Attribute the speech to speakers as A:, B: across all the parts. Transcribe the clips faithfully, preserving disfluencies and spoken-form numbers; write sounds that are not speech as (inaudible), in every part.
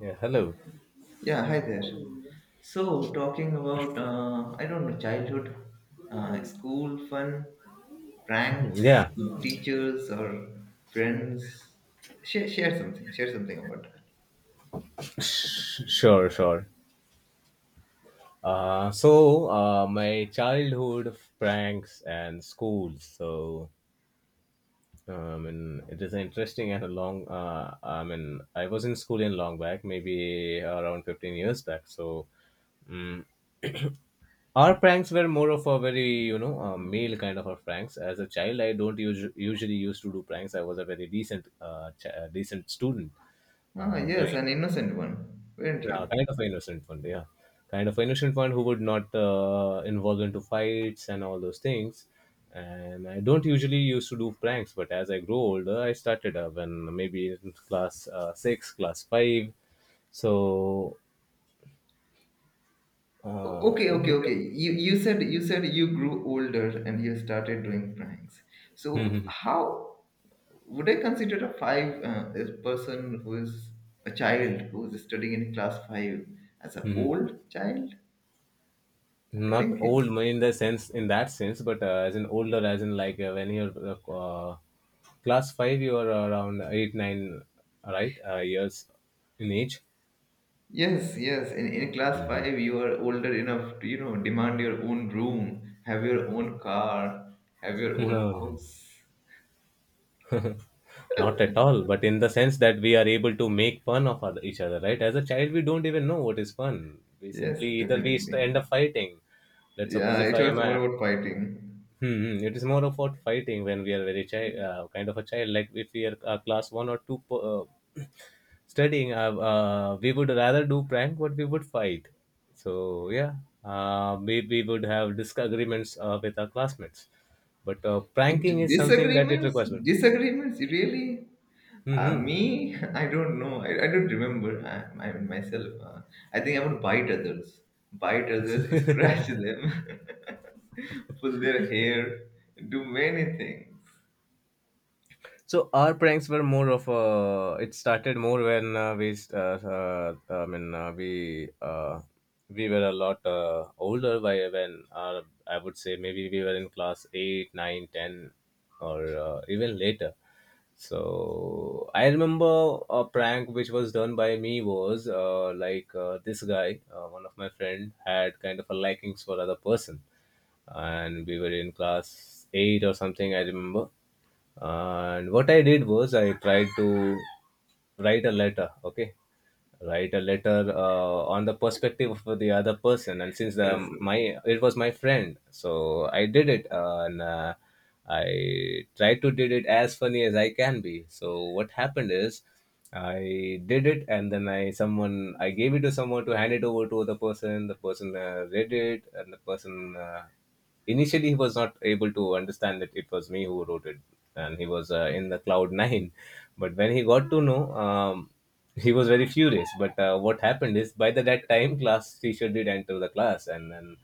A: Yeah, hello.
B: Yeah, hi there. So, talking about, uh, I don't know, childhood, uh, school fun, pranks,
A: Yeah,
B: teachers or friends. Share, share something, share something about that.
A: sh- sure, sure. Uh, so, uh, my childhood pranks and schools. So, um, and it is interesting and a long, uh, I mean, I was in school in long back, maybe around fifteen years back. So, Mm. Our pranks were more of a very, you know, uh, male kind of a pranks. As a child, I don't usu- usually used to do pranks. I was a very decent, uh, ch- uh, decent student,
B: Ah,
A: uh, very
B: yes, an innocent one, weren't
A: yeah,
B: you?
A: kind of an innocent one. Yeah, kind of an innocent one who would not uh, involve into fights and all those things. And I don't usually used to do pranks, but as I grew older, I started uh, when maybe in class uh, six, class five. So,
B: O-
A: uh,
B: Okay, okay,
A: which,
B: okay. You you said you said you grew older and you started doing pranks. So
A: Mhm,
B: how would I consider a five uh, a person who is a child who is studying in class five as an
A: mhm.
B: old child?
A: (laughs)
B: I
A: Not
B: think
A: old in the sense in that sense, but uh, as in older, as in like uh, when you're uh, uh, class five, you are around eight, nine, right, uh, years in age.
B: yes, yes. In in class
A: Hmm.
B: five, you are older enough to you know demand your own room, have your own car, have your own
A: No, no.
B: house.
A: (laughs) Not at all. But in the sense that we are able to make fun of other, each other, right? As a child, we don't even know what is fun. We
B: Yes,
A: simply either we
B: definitely.
A: st- end up fighting. Let's suppose
B: Yeah,
A: if
B: it
A: I am
B: was more
A: a,
B: about fighting.
A: hmm, hmm, it is more about fighting when we are very child, uh, kind of a child. Like if we are uh, class one or two po- uh, (clears throat) studying, uh, uh, we would rather do prank, but we would fight. So yeah, uh, we we would have disagreements uh, with our classmates. But uh, pranking
B: D-
A: is something that it
B: disagreements,
A: requires.
B: disagreements. Really, uh, me, (laughs) I don't know. I, I don't remember. I, I myself. Uh, I think I would bite others, bite others, scratch
A: Mm-hmm.
B: them,
A: (laughs)
B: (laughs) pull their hair, do many things.
A: So our pranks were more of a. It started more when uh, we, s- uh, uh, I mean, uh, we uh, we were a lot uh, older by when uh, I would say maybe we were in class eight, nine, ten, or uh, even later. So I remember a prank which was done by me was uh, like uh, this guy, uh, one of my friend, had kind of a likings for other person, and we were in class eight or something, I remember. And what I did was I tried to write a letter. Okay, write a letter uh, on the perspective of the other person, and since the
B: Yes.
A: my, it was my friend, so I did it uh, and uh, I tried to did it as funny as I can be. So what happened is I did it, and then I someone I gave it to someone to hand it over to the person. The person uh, read it, and the person uh, initially he was not able to understand that it was me who wrote it, and he was uh, in the cloud nine. (laughs) But when he got to know um, he was very furious. But uh, what happened is by the, that time class teacher did enter the class, and then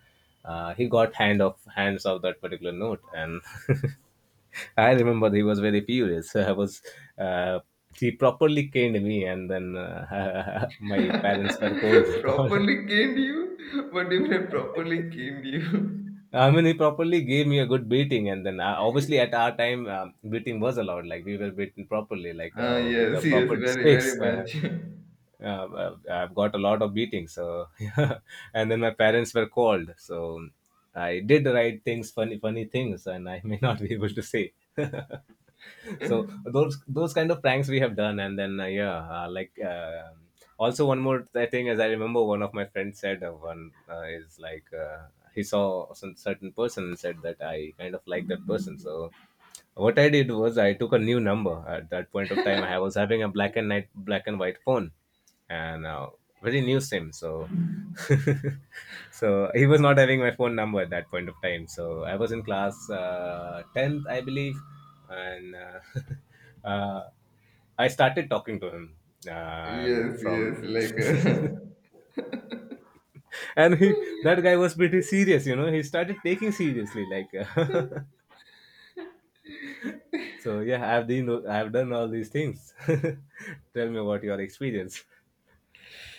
A: uh, he got hand of hands of that particular note. And (laughs) I remember he was very furious. (laughs) I was uh, he properly caned me, and then uh, (laughs) my parents were called.
B: (laughs)
A: (laughs) Called.
B: Properly caned you? What do you mean properly caned you?
A: I mean, he properly gave me a good beating, and then uh, obviously at our time, um, beating was allowed. Like we were beaten properly, like
B: Ah,
A: uh, with a
B: yes, yes,
A: proper
B: very, very
A: sticks. Uh,
B: much. (laughs)
A: uh, well, I've got a lot of beatings. So (laughs) yeah. And then my parents were called. So I did write things, funny, funny things, and I (laughs) may not be able to say. (laughs) So those those kind of pranks we have done. And then uh, yeah, uh, like uh, also one more th- thing is I remember one of my friends said uh, one uh, is like uh, he saw some certain person and said that I kind of like that person. So what I did was I took a new number. At that point of time, I was having a black and night, black and white phone, and uh, very new sim. So (laughs) so he was not having my phone number at that point of time. So I was in class uh, tenth, I believe, and uh, (laughs) uh, I started talking to him um,
B: Yes, yes,
A: from,
B: like uh,
A: (laughs) and he that guy was pretty serious. You know, he started taking seriously like. (laughs) So yeah, I've been I've done all these things. (laughs) Tell me about your experience.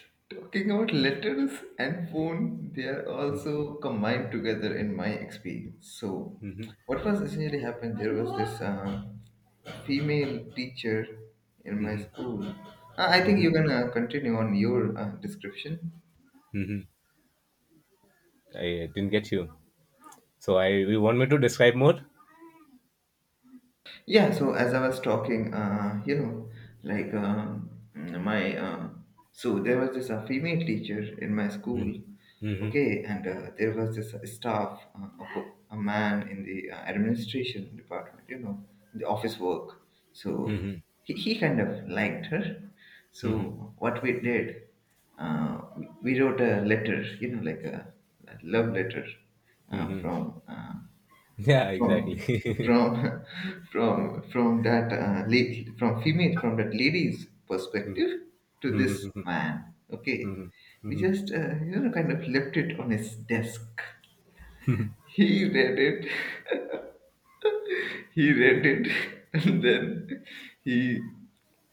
B: (laughs) talking about letters and phone, they are also combined together in my experience. So,
A: Hmm.
B: what was essentially happened? There was this uh, female teacher in my
A: Hmm.
B: school. Uh, I think you
A: Hmm.
B: can uh, continue on your uh, description.
A: Hmm. I didn't get you. So I you want me to describe more?
B: Yeah, so as I was talking, uh, you know, like um, my, uh, so there was this uh, female teacher in my school,
A: Mm-hmm.
B: okay, and uh, there was this uh, staff, uh, a, po- a man in the uh, administration department, you know, the office work. So
A: Hmm.
B: he, he kind of liked her.
A: Hmm.
B: So what we did, uh, we, we wrote a letter, you know, like a, a love letter uh,
A: Hmm.
B: from uh,
A: Yeah,
B: from
A: exactly. (laughs)
B: from (laughs) from from that uh, late from female from that lady's perspective to this
A: Mhm.
B: man. Okay, we
A: Mhm.
B: just uh, you know kind of left it on his desk. He read it. (laughs) He read it. (laughs) And then he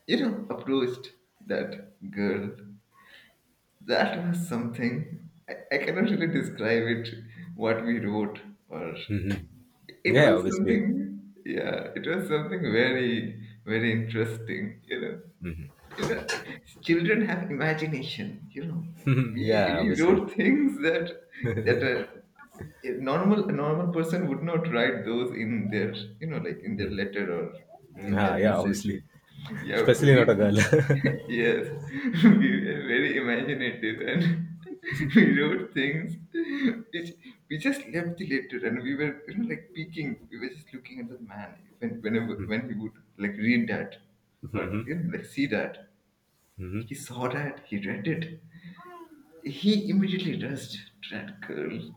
B: you know approached that girl. That was something i, I cannot really describe it, what we wrote or...
A: Mhm.
B: It
A: Yeah,
B: was
A: obviously.
B: something, yeah, it was something very, very interesting, you know. You know, children have imagination, you know.
A: (laughs)
B: We
A: Yeah,
B: we
A: obviously.
B: wrote things that that a, a normal a normal person would not write those in their, you know, like in their letter or in
A: Yeah,
B: their
A: yeah,
B: message.
A: obviously.
B: Yeah,
A: Especially not a
B: we...
A: girl. (laughs)
B: Yes, (laughs) we were very imaginative and (laughs) we wrote things which we just left it later and we were you know like peeking. We were just looking at the man when whenever when he would like read that or
A: Mhm.
B: you know like see that.
A: Mhm.
B: He saw that, he read it. He immediately rushed to that girl.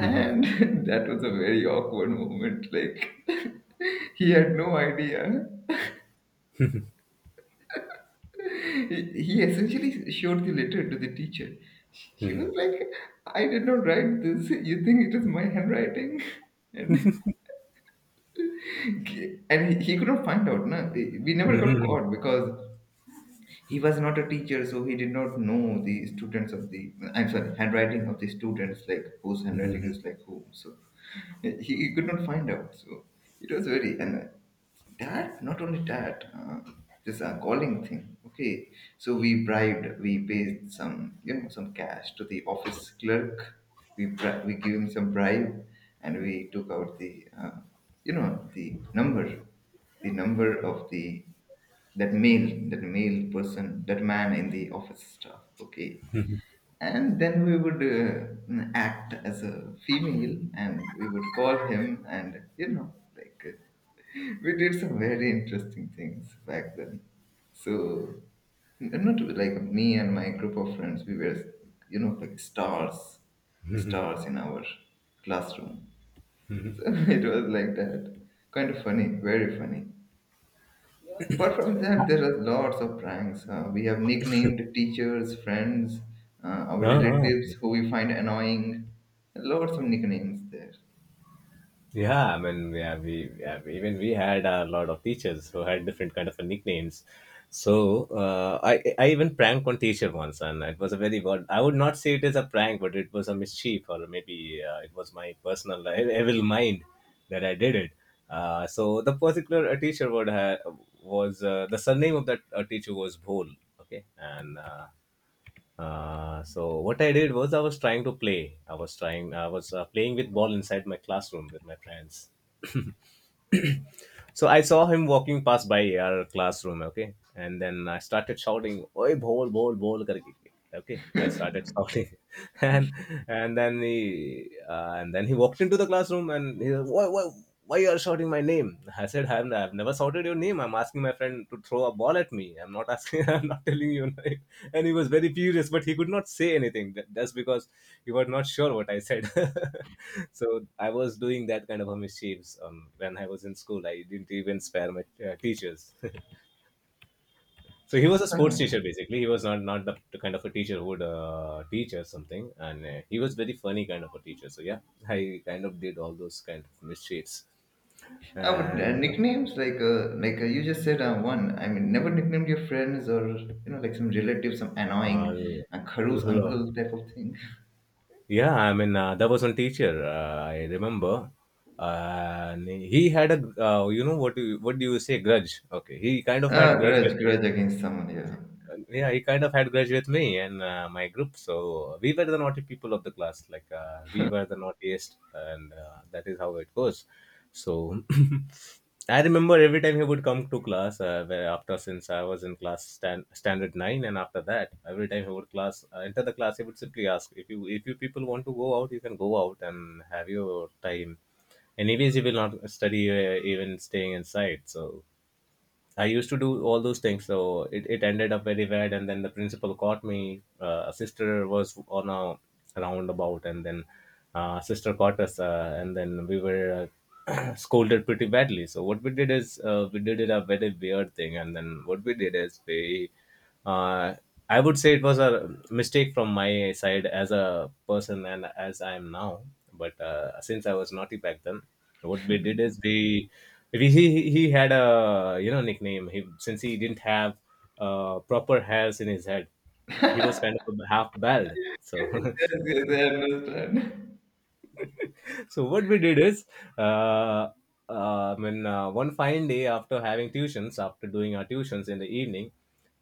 A: Mhm.
B: (laughs) that was a very awkward moment. Like (laughs) he had no idea. He essentially showed the letter to the teacher. She was
A: Mhm.
B: like, I did not write this. You think it is my handwriting? (laughs) And, and he, he could not find out. Na? We never got
A: Mhm.
B: caught because he was not a teacher, so he did not know the students of the, I'm sorry, handwriting of the students, like whose handwriting is like whom. So yeah, he, he could not find out. So it was very... and uh, that not only that uh, this uh, calling thing. Okay, so we bribed, we paid some you know some cash to the office clerk. We bri- we gave him some bribe, and we took out the uh, you know the number, the number of the that male that male person that man in the office staff. Okay, and then we would uh, act as a female and we would call him and you know like uh, (laughs) we did some very interesting things back then. So n- not like me and my group of friends we were you know like stars stars in our classroom. (laughs) So it was like that kind of funny, very funny. Apart from that, there are lots of pranks. Uh, we have nicknamed teachers, friends, uh, our
A: Ah, ah.
B: relatives who we find annoying. Lots of nicknames there.
A: Yeah, I mean, yeah, we yeah, even we had a lot of teachers who had different kind of nicknames. So uh, I I even pranked one teacher once, and it was a very good. I would not say it is a prank, but it was a mischief, or maybe uh, it was my personal (laughs) e- evil mind that I did it. Uh, so the particular uh, teacher would have was uh, the surname of that uh, teacher was Bhol. Okay, and uh, uh, so what I did was I was trying to play. I was trying. I was uh, playing with ball inside my classroom with my friends. So I saw him walking past by our classroom. Okay, and then I started shouting, "Oi, ball, ball, ball!" करके. Okay, I started shouting, (laughs) and and then he uh, and then he walked into the classroom and he said, "Why, why, why you are shouting my name?" I said, "I've I've never shouted your name. I'm asking my friend to throw a ball at me. I'm not asking. (laughs) I'm not telling you." (laughs) And he was very furious, but he could not say anything. That- That's because you were not sure what I said. (laughs) So I was doing that kind of a mischiefs um, when I was in school. I didn't even spare my uh, teachers. (laughs) So he was a
B: (laughs)
A: sports teacher
B: Uh-huh.
A: basically. He was not not the, the kind of a teacher who would uh, teach or something, and uh, he was very funny kind of a teacher. So yeah, I kind of did all those kind of mischiefs
B: Uh, but uh,
A: and.
B: nicknames like uh, like uh, you just said uh, one. I mean, never nicknamed your friends or you know like some relatives, some
A: Uh,
B: annoying
A: l-
B: uh, Kharoos
A: l-
B: uncle type of thing. (laughs)
A: Yeah, I mean, uh, there was one teacher uh, I remember, uh, and he had a uh, you know what do you, what do you say grudge? Okay, he kind of
B: Ah,
A: had grudge with
B: grudge,
A: me,
B: grudge against someone. Yeah.
A: yeah, he kind of had grudge with me and uh, my group. So we were the naughty people of the class. Like uh, we were the naughtiest, and uh, that is how it goes. So (clears throat) (laughs) I remember every time he would come to class. Uh, where after since I was in class stand, standard nine, and after that, every time he would class uh, enter the class, he would simply ask, "If you if you people want to go out, you can go out and have your time." Anyways, he will not study uh, even staying inside. So I used to do all those things, so it, it ended up very bad. And then the principal caught me. Uh, a sister was on a roundabout, and then uh, sister caught us, uh, and then we were uh, (clears throat) scolded pretty badly. So what we did is uh, we did it a very weird thing, and then what we did is we uh, I would say it was a mistake from my side as a person and as I am now, but uh, since I was naughty back then, what we did is we, we he, he he had a you know nickname he since he didn't have uh, proper hairs in his head. He was kind of half bald, so
B: (laughs) Yes,
A: (laughs)
B: yes, I understand.
A: (laughs) so what we did is uh, uh, I mean, uh, one fine day after having tuitions, after doing our tuitions in the evening,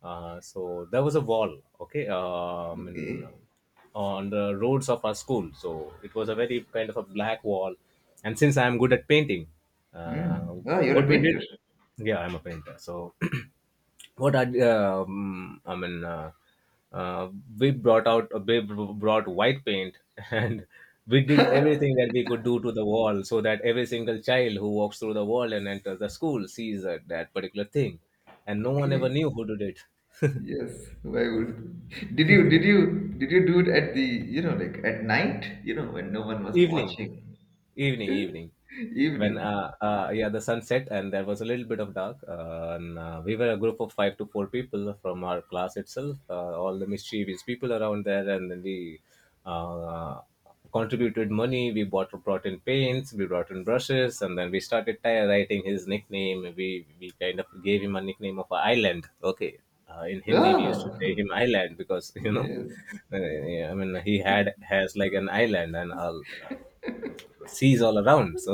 A: uh, so there was a wall, okay, uh, I
B: (laughs)
A: mean,
B: Okay.
A: uh, on the roads of our school. So it was a very kind of a black wall. And since I am good at painting,
B: Hmm.
A: uh,
B: Ah, you're a
A: what we did,
B: painter.
A: yeah, I'm a painter. So (clears throat) what I um, I mean, uh, uh, we brought out uh, we brought white paint, (laughs) and we did everything that we could do to the wall so that every single child who walks through the wall and enters the school sees that, that particular thing, and no one ever
B: Okay.
A: knew who did
B: Yes, why would did you did
A: it.
B: you did you do it at the you know like at night you know when no one
A: (laughs)
B: was
A: Evening.
B: watching?
A: Evening,
B: (laughs)
A: evening. When
B: Evening,
A: uh, uh yeah, the sun set and there was a little bit of dark. Uh, and uh, we were a group of five to four people from our class itself. Uh, all the mischievous people around there, and then we uh, contributed money. We bought brought in paints, we brought in brushes, and then we started ty- writing his nickname. We we kind of gave him a nickname of a island. Okay, uh, in Hindi we used to
B: ah
A: say him island because (laughs) you know,
B: yes.
A: uh, yeah, I mean he had has like an island and all seas all around so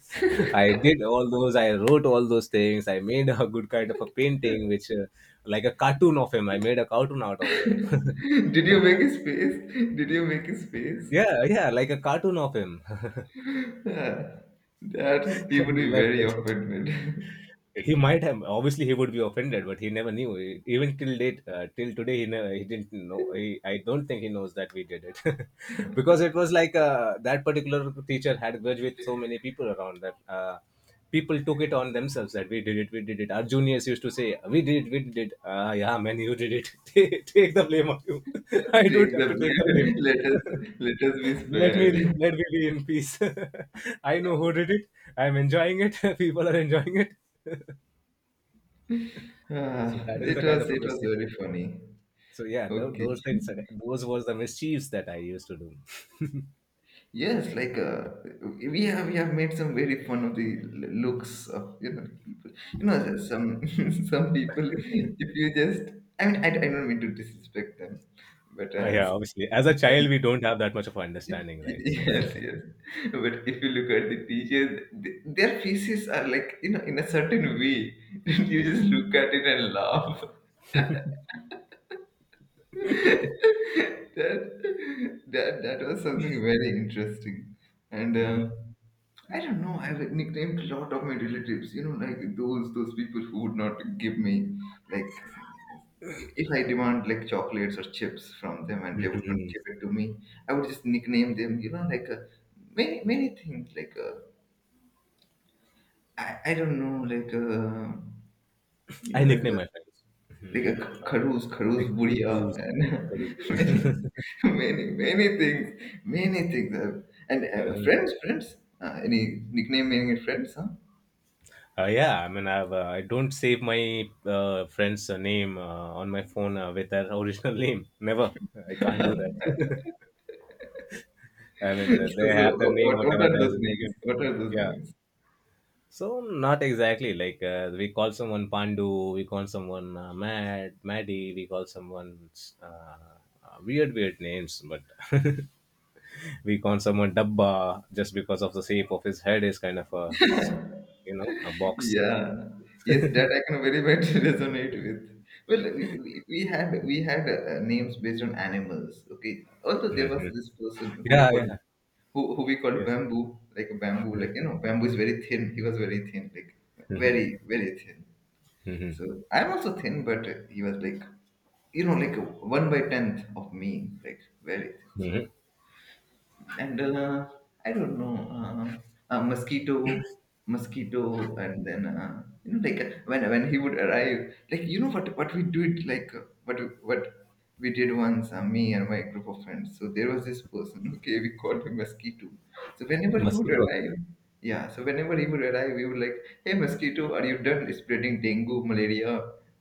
A: (laughs) I did all those, I wrote all those things. I made a good kind of a painting which uh, like a cartoon of him. I made a cartoon out of him.
B: (laughs) Did you make a space did you make a space
A: (laughs) Yeah, yeah, like a cartoon of him. (laughs)
B: Ah, that he would
A: And
B: be
A: left
B: very
A: it.
B: offended.
A: He might have, obviously he would be offended, but he never knew. E, Even till date, uh, till today, he never he didn't know. He, I don't think he knows that we did it, (laughs) because it was like uh, that particular teacher had grudge with so many people around that. Uh, people took it on themselves that we did it, we did it. Our juniors used to say, "We did it, we did it." Ah, yeah, man, you did it. (laughs) Take, take the blame on you. (laughs)
B: (laughs)
A: I
B: Take
A: don't have
B: the
A: to take the blame.
B: blame. (laughs) Let us let us be
A: (laughs) let me
B: spared.
A: Let me be in peace. (laughs) I know who did it. I'm enjoying it. (laughs) People are enjoying it. (laughs)
B: (laughs)
A: So
B: Ah,
A: that is
B: it
A: the kind
B: was
A: of a
B: it was
A: mischief.
B: very funny.
A: So yeah, tho-
B: Okay.
A: those things, those was the mischiefs that I used to do. (laughs)
B: Yes, like uh, we have we have made some very fun of the l- looks of you know people. You know there's some (laughs) some people. If you just, I mean, I, I don't mean to disrespect them, but
A: Uh,
B: uh,
A: yeah,
B: s- s-
A: obviously, as a
B: some,
A: child, we
B: (laughs)
A: don't have that much of understanding, right? So (laughs)
B: yes, yes. But if you look at the teachers, th- their faces are like you know in a certain way. (laughs) You just look at it and laugh. (laughs) That that that was something very interesting, and. Uh,
A: Mhm.
B: I don't know. I've nicknamed a lot of my relatives. You know, like those those people who would not give me like i- if I demand like chocolates or chips from them and they would not
A: Mhm.
B: give it to me, I would just nickname them. You know, like uh, many many things. Like uh, I I don't know. Like uh, you
A: I
B: know, like
A: nickname
B: uh,
A: my friends.
B: like
A: Mhm.
B: a
A: Uh,
B: Karuz
A: Like
B: Karuz buriya
A: Karuz, Karuz.
B: and
A: (laughs)
B: (laughs) many many many things, many things. Uh, and uh,
A: Mhm.
B: friends friends. Uh, any nicknaming friends? Huh?
A: Uh, yeah, I mean, I've, uh, I don't save my uh, friend's uh, name uh, on my phone uh, with their original (laughs) name. Never. I can't do that. (laughs) I
B: So,
A: mean, uh, they have their
B: wh-
A: name,
B: what, what
A: whatever
B: are
A: theirs.
B: those names?
A: Is.
B: What are those
A: Yeah,
B: names?
A: so not exactly like uh, we call someone Pandu, we call someone uh, Mad, Maddie, we call someone uh, uh, weird weird names, but (laughs) we call someone Dabba just because of the shape of his head is kind of a, you know, a box.
B: Yeah. Yes, that I can very much (laughs) resonate with. Well, we, we, we had we had uh, names based on animals. Okay. Also, there was
A: Mhm.
B: this person who we
A: Yeah,
B: called
A: yeah,
B: who, who we called
A: yes.
B: bamboo, like bamboo, like you know, bamboo is very thin. He was very thin, like
A: Mhm.
B: very very thin.
A: Mhm.
B: So I'm also thin, but he was like you know like one by tenth of me, like very thin. So
A: Mhm.
B: and uh, I don't know uh, uh, mosquito, mosquito, and then uh, you know like uh, when when he would arrive, like you know what what we do it like uh, what what we did once uh, me and my group of friends. So there was this person. (laughs) Okay, we called him mosquito. So whenever he would
A: Mosquito.
B: arrive. Yeah, so whenever he would arrive, we would like, "Hey, mosquito, are you done spreading dengue, malaria?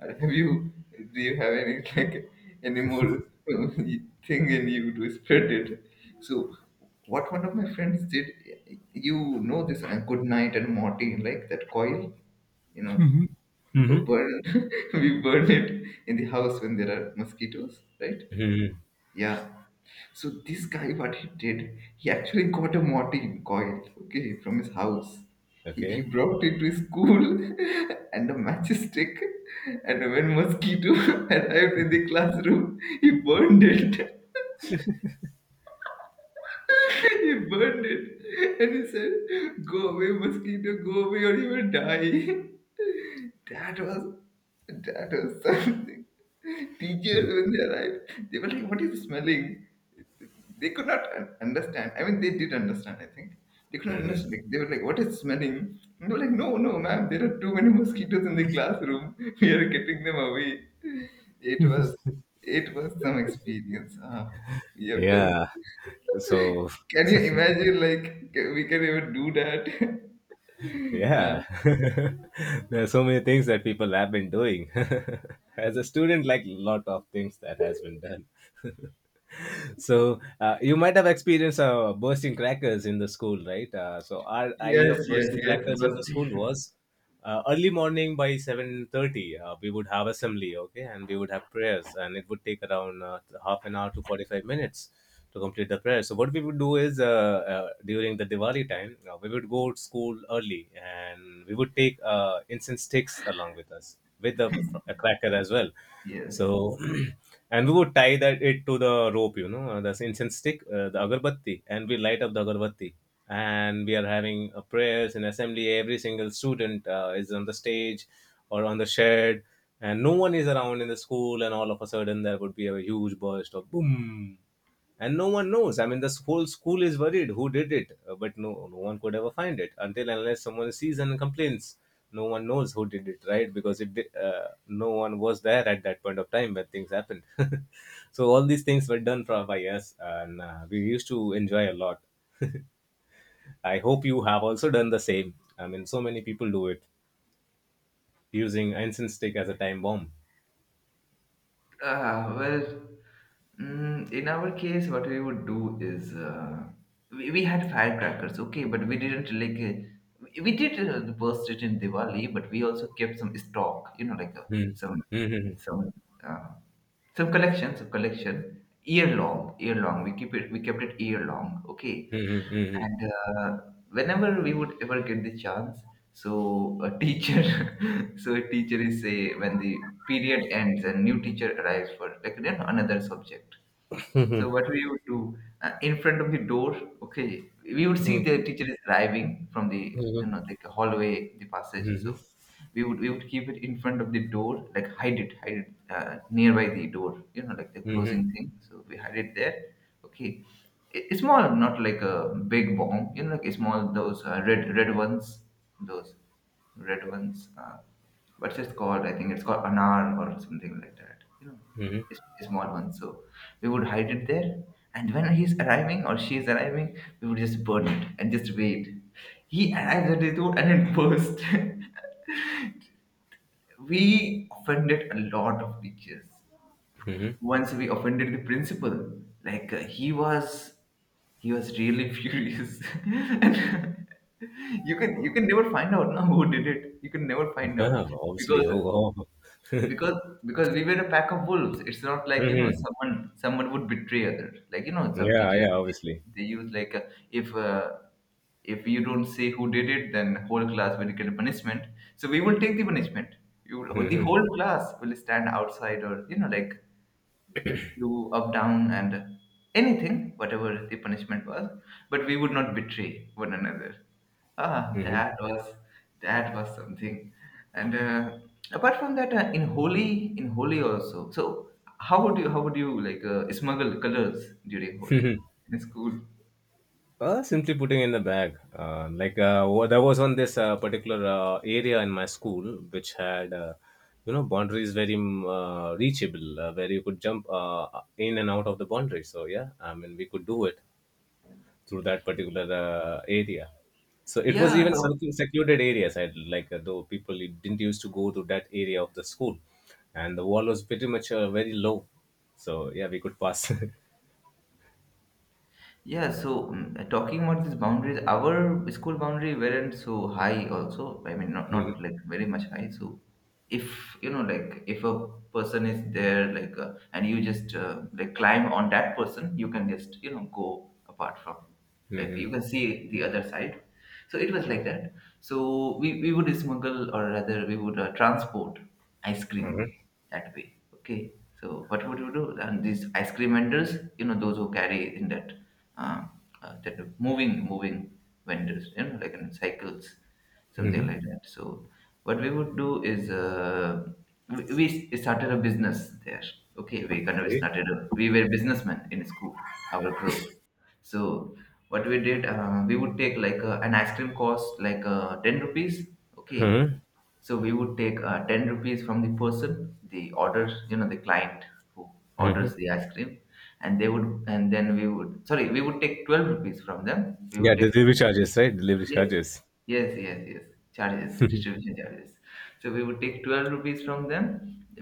B: Or have you do you have any (laughs) like any more (laughs) thing in you to spread it?" So what one of my friends did, you know this uh, Good Night and Morty, like that coil, you know, b-
A: Hmm.
B: burn. (laughs) We burn it in the house when there are mosquitoes, right?
A: Hmm.
B: Yeah. So this guy, what he did, he actually got a morphine coil, okay, from his house. He, he
A: Okay.
B: brought it to his school, (laughs) and a matchstick, and when mosquito (laughs) arrived in the classroom, he burned it. (laughs) He burned it and he said, "Go away, mosquito, go away or you will die." (laughs) That was that was something. Teachers when they arrived, they were like, "What is smelling?" They could not un- understand. I mean they did understand, I think. They could not understand. Like, they were like, "What is smelling?" And they were like, "No, no, ma'am, there are too many mosquitoes in the classroom." (laughs) We are getting them away. It was it was some experience. Uh, we have done...
A: Yeah. So (laughs)
B: can you imagine, like, ca- we can even do that? (laughs) Uh,
A: Yeah, (laughs) there are so many things that people have been doing. (laughs) As a student, like lot of things that has been done. (laughs) So uh, you might have experienced uh, bursting crackers in the school, right? Uh, so our idea
B: yes,
A: of
B: yes,
A: bursting
B: yes,
A: crackers in the school
B: busting.
A: was uh, early morning by seven thirty uh, we would have assembly, okay, and we would have prayers, and it would take around uh, half an hour to forty-five minutes to complete the prayer. So what we would do is uh, uh, during the diwali time uh, we would go to school early and we would take uh, incense sticks along with us with the fr- a cracker as well.
B: (laughs) Yes.
A: So, (clears throat) and we would tie that it to the rope, you know, uh, the incense stick, uh, the agarbatti, and we light up the agarbatti. And we are having uh, prayers in assembly. Every single student uh, is on the stage or on the shed, and no one is around in the school. And all of a sudden, there would be a huge burst of boom, and no one knows. I mean, this whole school is worried who did it. Uh, but no no one could ever find it until unless someone sees and complains. No one knows who did it, right? Because it did, uh, no one was there at that point of time when things happened. (laughs) So all these things were done for by us, and uh, we used to enjoy a lot. (laughs) I hope you have also done the same. I mean, so many people do it, using incense stick as a time bomb.
B: Uh, well, mm, in our case, what we would do is uh, we, we had firecrackers, okay, but we didn't like uh, we did uh, burst it in Diwali, but we also kept some stock, you know, like uh,
A: Hmm.
B: some
A: (laughs) Mhm.
B: some uh, some collection, some collection year long, year long. We keep it, we kept it year long, okay.
A: Mhm.
B: And uh, whenever we would ever get the chance, so a teacher, (laughs) so a teacher is say when the period ends and new teacher arrives for like then another subject. So what we would do uh, in front of the door, okay, we would see
A: Mhm.
B: the teacher is driving from the
A: Mhm. Mhm.
B: you know like hallway, the passage.
A: Mhm.
B: So we would we would keep it in front of the door, like hide it, hide it uh, nearby the door, you know, like the
A: Mhm.
B: closing thing. So we hide it there, okay. It- It's small, not like a big bomb, you know, like a small those uh, red red ones, those red ones. Uh, what's it called? I think it's called anar or something like that, you know,
A: Mhm.
B: a small one. So we would hide it there, and when he's arriving or she is arriving, we would just burn it and just wait. He arrives at the door and it bursts. (laughs) We offended a lot of teachers.
A: Mhm.
B: Once we offended the principal, like uh, he was he was really (laughs) furious. (laughs) And you can you can never find out now who did it. You can never find out
A: Yeah, obviously.
B: because
A: Oh, wow.
B: because because we were a pack of wolves. It's not like, you know,
A: Mhm.
B: someone someone would betray others. Like, you know, some
A: Yeah,
B: teachers,
A: yeah,
B: they,
A: obviously.
B: they use like, uh, if uh, if you don't say who did it, then whole class will get a punishment, so we will take the punishment. You will, the
A: Mhm.
B: whole class will stand outside, or, you know, like do up, down, and anything, whatever the punishment was. But we would not betray one another. Ah,
A: Mhm. Mhm.
B: that was that was something. And uh, apart from that, uh, in Holi, in Holi also. So how would you how would you like uh, smuggle colors during Holi
A: (laughs)
B: in school?
A: Uh, simply putting in the bag. Uh, like uh, wa- there was on this uh, particular uh, area in my school which had, uh, you know, boundaries very mm, uh, reachable, uh, where you could jump uh, in and out of the boundary. So yeah, I mean, we could do it, through that particular uh, area. So it was
B: Yeah,
A: even
B: so.
A: something secluded areas. I like uh, though people didn't used to go to that area of the school, and the wall was pretty much uh, very low. So yeah, we could pass. (laughs)
B: Yeah, so, mm, talking about these boundaries, our school boundary weren't so high also. I mean, not not like very much high. So if, you know, like if a person is there, like, uh, and you just uh, like climb on that person, you can just, you know, go apart from, like
A: Mm-hmm.
B: you can see the other side. So it was like that. So we we would smuggle, or rather we would uh, transport ice cream that way. Okay. So what would you do? And these ice cream vendors, you know, those who carry in that uh, uh, that are moving moving vendors, you know, like in cycles, something
A: Hmm.
B: like that. So what we would do is, uh, we, we started a business there. Okay, we kind of
A: Okay.
B: started a, we were businessmen in school, our group. So what we did, uh, we would take like a, an ice cream cost like uh, ten rupees. Okay,
A: Mm-hmm.
B: so we would take uh, ten rupees from the person, the orders, you know, the client who orders the ice cream, and they would, and then we would, sorry, we would take twelve rupees from them. We
A: Yeah,
B: would
A: the
B: take,
A: delivery charges, right? Delivery
B: yes,
A: charges.
B: yes, yes, yes, charges, distribution charges. So we would take twelve rupees from them.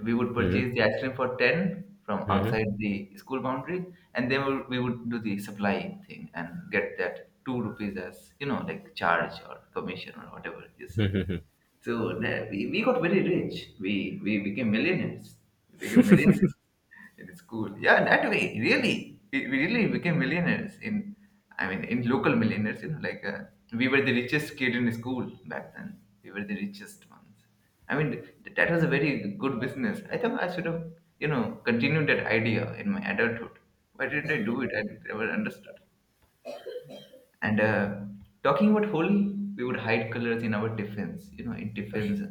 B: We would
A: Mm-hmm.
B: purchase the ice cream for ten from outside the school boundary, and then we would we would do the supply thing and get that two rupees as, you know, like charge or commission or whatever you say. So that we, we got very rich. We we became millionaires. We became millionaires in school. Yeah, that way, really. We, we really became millionaires in, I mean, in local millionaires, you know, like, uh, we were the richest kid in school back then. We were the richest ones. I mean, th- that was a very good business. I think I should have, you know, continued that idea in my adulthood. Why didn't I do it? I never understood. And uh, talking about Holi, we would hide colors in our tiffins. You know, in tiffins,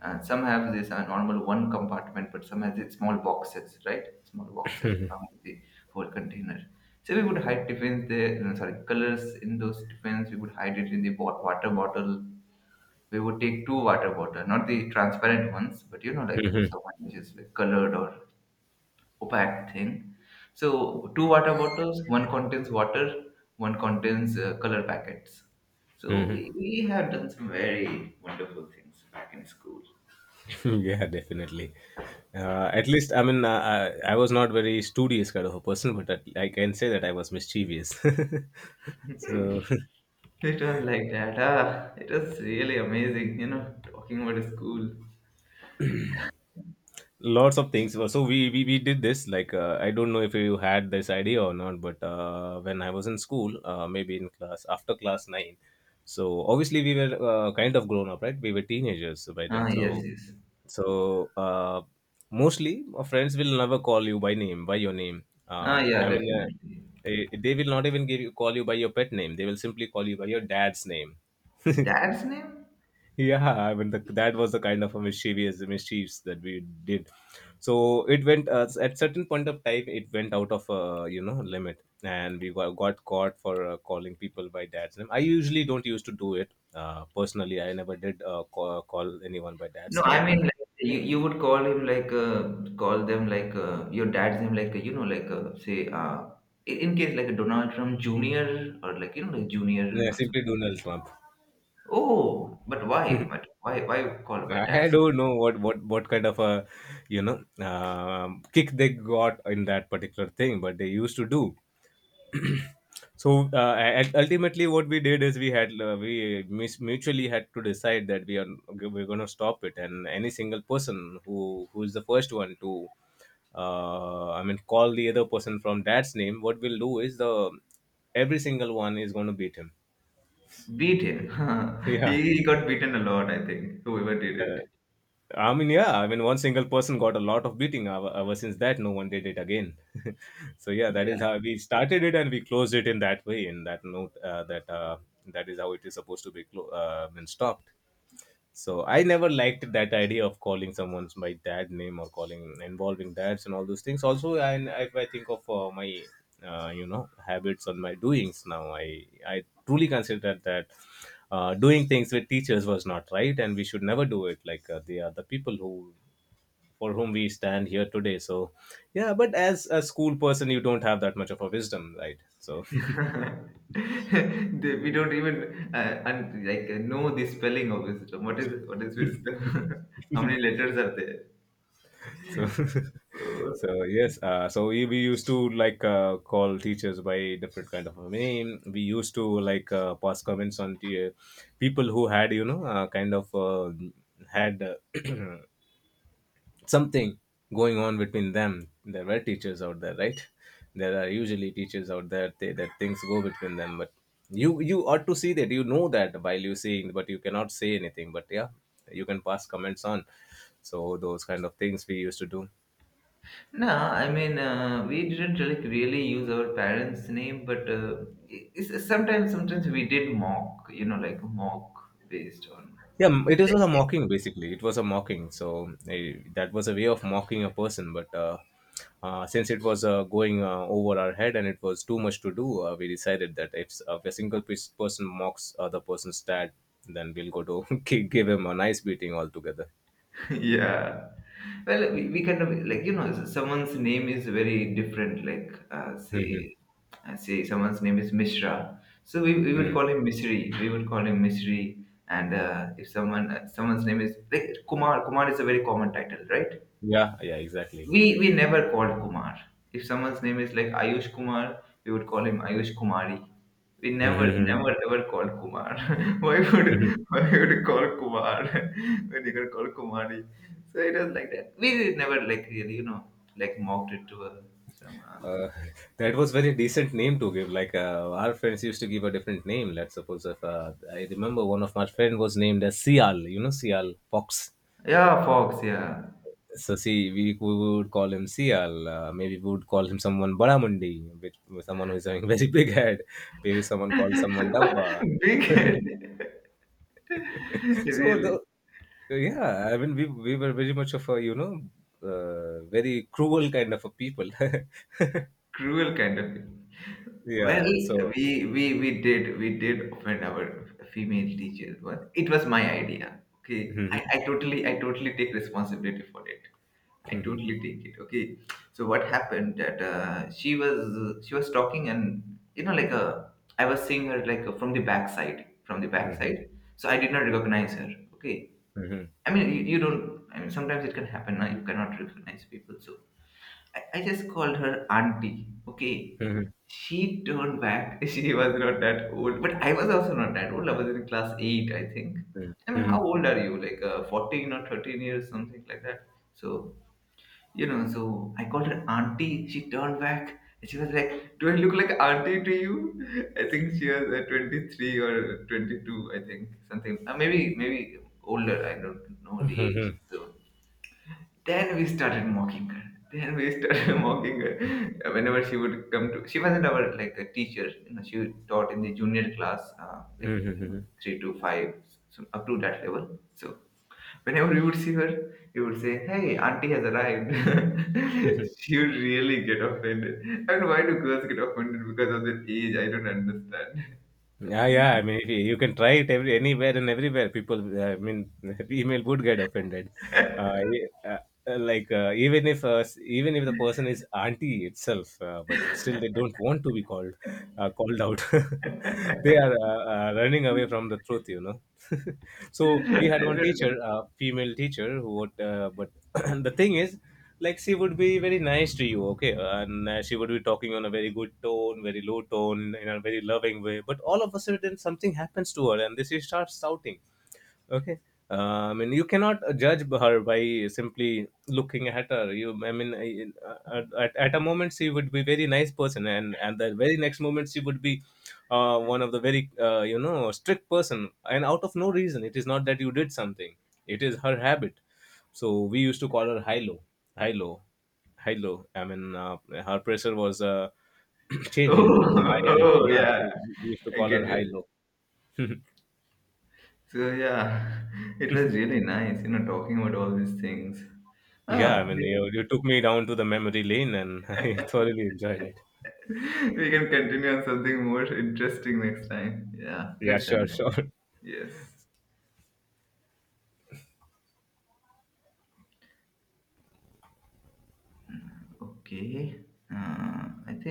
B: uh, some have this uh, normal one compartment, but some has it small boxes, right? Small boxes along with the whole container. So we would hide tiffins there. No, sorry, colors in those tiffins. We would hide it in the bot- water bottle. We would take two water bottle, not the transparent ones, but you know, like
A: Hmm.
B: someone which is like colored or opaque thing. So two water bottles, one contains water, one contains uh, color packets. So
A: Hmm.
B: we, we have done some very wonderful things back in school.
A: (laughs) Yeah, definitely. Uh, at least, I mean, uh, I, I was not very studious kind of a person, but at, I can say that I was mischievous. (laughs) so
B: (laughs)
A: (laughs)
B: It was like that. Ah, it was really amazing, you know, talking about school.
A: lots of things. So we we, we did this like uh, I don't know if you had this idea or not, but uh, when I was in school uh, maybe in class after class nine. So obviously we were uh, kind of grown up, right? We were teenagers by then.
B: Ah, yes,
A: So
B: yes.
A: so uh, mostly our friends will never call you by name by your name. Uh,
B: Ah, yeah,
A: i mean uh,
B: definitely.
A: eh, they will not even give you call you by your pet name. They will simply call you by your dad's name. (laughs)
B: Dad's name?
A: Yeah, I mean, the, that was the kind of a mischievous mischiefs that we did. So it went uh, at certain point of time, it went out of uh, you know, limit, and we got, got caught for uh, calling people by dad's name. I usually don't used to do it uh, personally. I never did uh, call, call anyone by dad's
B: No, I
A: name, but
B: mean like you, you would call him like, uh, call them like, uh, your dad's name, like, uh, you know, like, uh, say, uh, in in case like a Donald Trump Junior, or like, you know, like Junior
A: yeah,
B: or something.
A: simply Donald Trump.
B: Oh, but why? But why? Why call by
A: I
B: dad's?
A: don't know what what what kind of a, you know, um, kick they got in that particular thing, but they used to do. So uh, and ultimately what we did is we had uh, we mis- mutually had to decide that we are we're going to stop it, and any single person who who is the first one to uh, I mean, call the other person from dad's name, what we'll do is the every single one is going to beat him.
B: Beat him.
A: (laughs)
B: (laughs)
A: Yeah.
B: he, he got beaten a lot. I think whoever did
A: Uh,
B: it.
A: I mean, yeah, I mean, one single person got a lot of beating. Ever, ever since that, no one did it again. (laughs) So yeah, that is
B: Yeah.
A: how we started it, and we closed it in that way. In that note, uh, that uh, that is how it is supposed to be clo- uh, been stopped. So I never liked that idea of calling someone's my dad name or calling involving dads and all those things also. And if I think of uh, my uh, you know, habits on my doings now, i I truly consider that uh, doing things with teachers was not right, and we should never do it. Like uh, they are the people who for whom we stand here today. So yeah, but as a school person, you don't have that much of a wisdom, right? So (laughs)
B: (laughs) They- we don't even uh, un- like uh, know the spelling of wisdom. What is what is wisdom? (laughs) How many letters are there?
A: so (laughs)
B: (laughs)
A: so
B: So.
A: yes, uh, so we, we used to like uh, call teachers by different kind of a name. We used to like uh, pass comments on to uh, people who had, you know, uh, kind of uh, had uh, (clears throat) something going on between them. There were teachers out there, right? There are usually teachers out there, they, that things go between them, but you you ought to see that, you know, that while you seeing, but you cannot say anything, but yeah, you can pass comments on. So those kind of things we used to do.
B: No, I mean, uh, we didn't like really use our parents' name, but uh, i- it's, sometimes, sometimes we did mock, you know, like mock based on.
A: Yeah, m- it was a
B: (laughs)
A: mocking basically. It was a mocking. So eh, that was a way of mocking a person. But uh, uh, since it was uh, going uh, over our head and it was too much to do, uh, we decided that if, uh, if a single pe- person mocks other person's dad, then we'll go to (laughs) gi- give him a nice beating altogether.
B: Yeah. Well, we, we kind of, like, you know, someone's name is very different. Like, uh,
A: Mm-hmm.
B: say uh, say someone's name is Mishra, so we, we would call him Misri. We would call him Misri. And uh, if someone uh, someone's name is like Kumar, Kumar is a very common title, right?
A: Yeah, yeah, exactly.
B: We we never called Kumar. If someone's name is like Ayush Kumar, we would call him Ayush Kumari. We never,
A: Mm-hmm.
B: never, ever called Kumar. (laughs) Why would why would you call Kumar (laughs) when you can call Kumari? So it was like that. We never like really, you know, like mocked it to a some uh,
A: Uh, (laughs) that was very decent name to give. Like uh, our friends used to give a different name. Let's suppose if uh, I remember one of my friend was named as Sial. You know, Sial Fox.
B: yeah, Fox, yeah.
A: So see, we, we would call him Sial. Uh, maybe we would call him someone Badamundi, which someone who is having (laughs) very big head. Maybe someone called someone Dabba.
B: (laughs) Big head. (laughs)
A: (laughs) so the
B: Really.
A: yeah, I mean, we we were very much of a, you know, uh, very cruel kind of a people. (laughs)
B: Cruel kind of it. Well,
A: Yeah. So.
B: we we we did we did offend our female teacher, but it was my idea. Okay, I,
A: Mhm.
B: I totally I totally take responsibility for it. I
A: Mhm.
B: totally take it. Okay, so what happened that uh, she was she was talking, and you know like, uh, I was seeing her like, uh, from the backside from the
A: Mhm.
B: backside, so I did not recognize her. Okay,
A: Mhm,
B: I mean you, you don't. I mean sometimes it can happen. uh, You cannot recognize people, so I, I just called her auntie. Okay,
A: mhm,
B: she turned back. (laughs) She was not that old, but I was also not that old. I was in class eight, I think.
A: mhm,
B: I mean, how
A: mhm,
B: old are you? Like uh, fourteen or thirteen years, something like that. So you know, so I called her auntie. She turned back. And she was like, "Do I look like auntie to you?" (laughs) I think she was uh, twenty three or twenty two. I think something. Uh, maybe maybe older. I don't know the age.
A: mhm,
B: So then we started mocking her. Then we started (laughs) mocking her. Whenever she would come to, she wasn't our like a teacher. You know, she taught in the junior class, uh, like
A: mhm,
B: you know,
A: mhm.
B: three to five, so up to that level. So whenever we would see her, we would say, "Hey, auntie has arrived." (laughs) She would really get offended. I mean, why do girls get offended because of their age? I don't understand.
A: Yeah, yeah. I mean, if you, you can try it every anywhere and everywhere. People, uh, I mean, (laughs) female would get offended. Uh,
B: (laughs)
A: e- uh, uh, like uh, Even if uh, s- even if the person is auntie itself, uh, but still they don't want to be called uh, called out. (laughs) They are uh, uh, running away from the truth, you know. (laughs) So we
B: I
A: had one teacher,
B: don't.
A: uh, female teacher, who would, uh, but (clears throat) the thing is, like she would be very nice to you, okay, and uh, she would be talking on a very good tone, very low tone, in a very loving way, but all of a sudden something happens to her and then she starts shouting. Okay. Uh, I mean, you cannot judge her by simply looking at her. You, I mean, I- I- at, at a moment she would be very nice person, and and the very next moment she would be uh, one of the very uh, you know, strict person, and out of no reason. It is not that you did something; it is her habit. So we used to call her high low, high low, high low. I mean, uh, her pressure was uh, (clears throat) changing from high
B: Oh, (laughs)
A: and low.
B: oh,
A: Na?
B: yeah.
A: So we used to
B: I
A: call
B: get
A: her high
B: it.
A: low.
B: So yeah, (laughs) it was really nice, you know, talking about all these things.
A: Yeah,
B: Ah,
A: I mean,
B: we,
A: you, you took me down to the memory lane and (laughs) I thoroughly enjoyed it.
B: (laughs) we can continue on something more interesting next time. Yeah,
A: Yeah,
B: let's
A: sure,
B: end.
A: sure.
B: Yes. Okay. Uh, I think.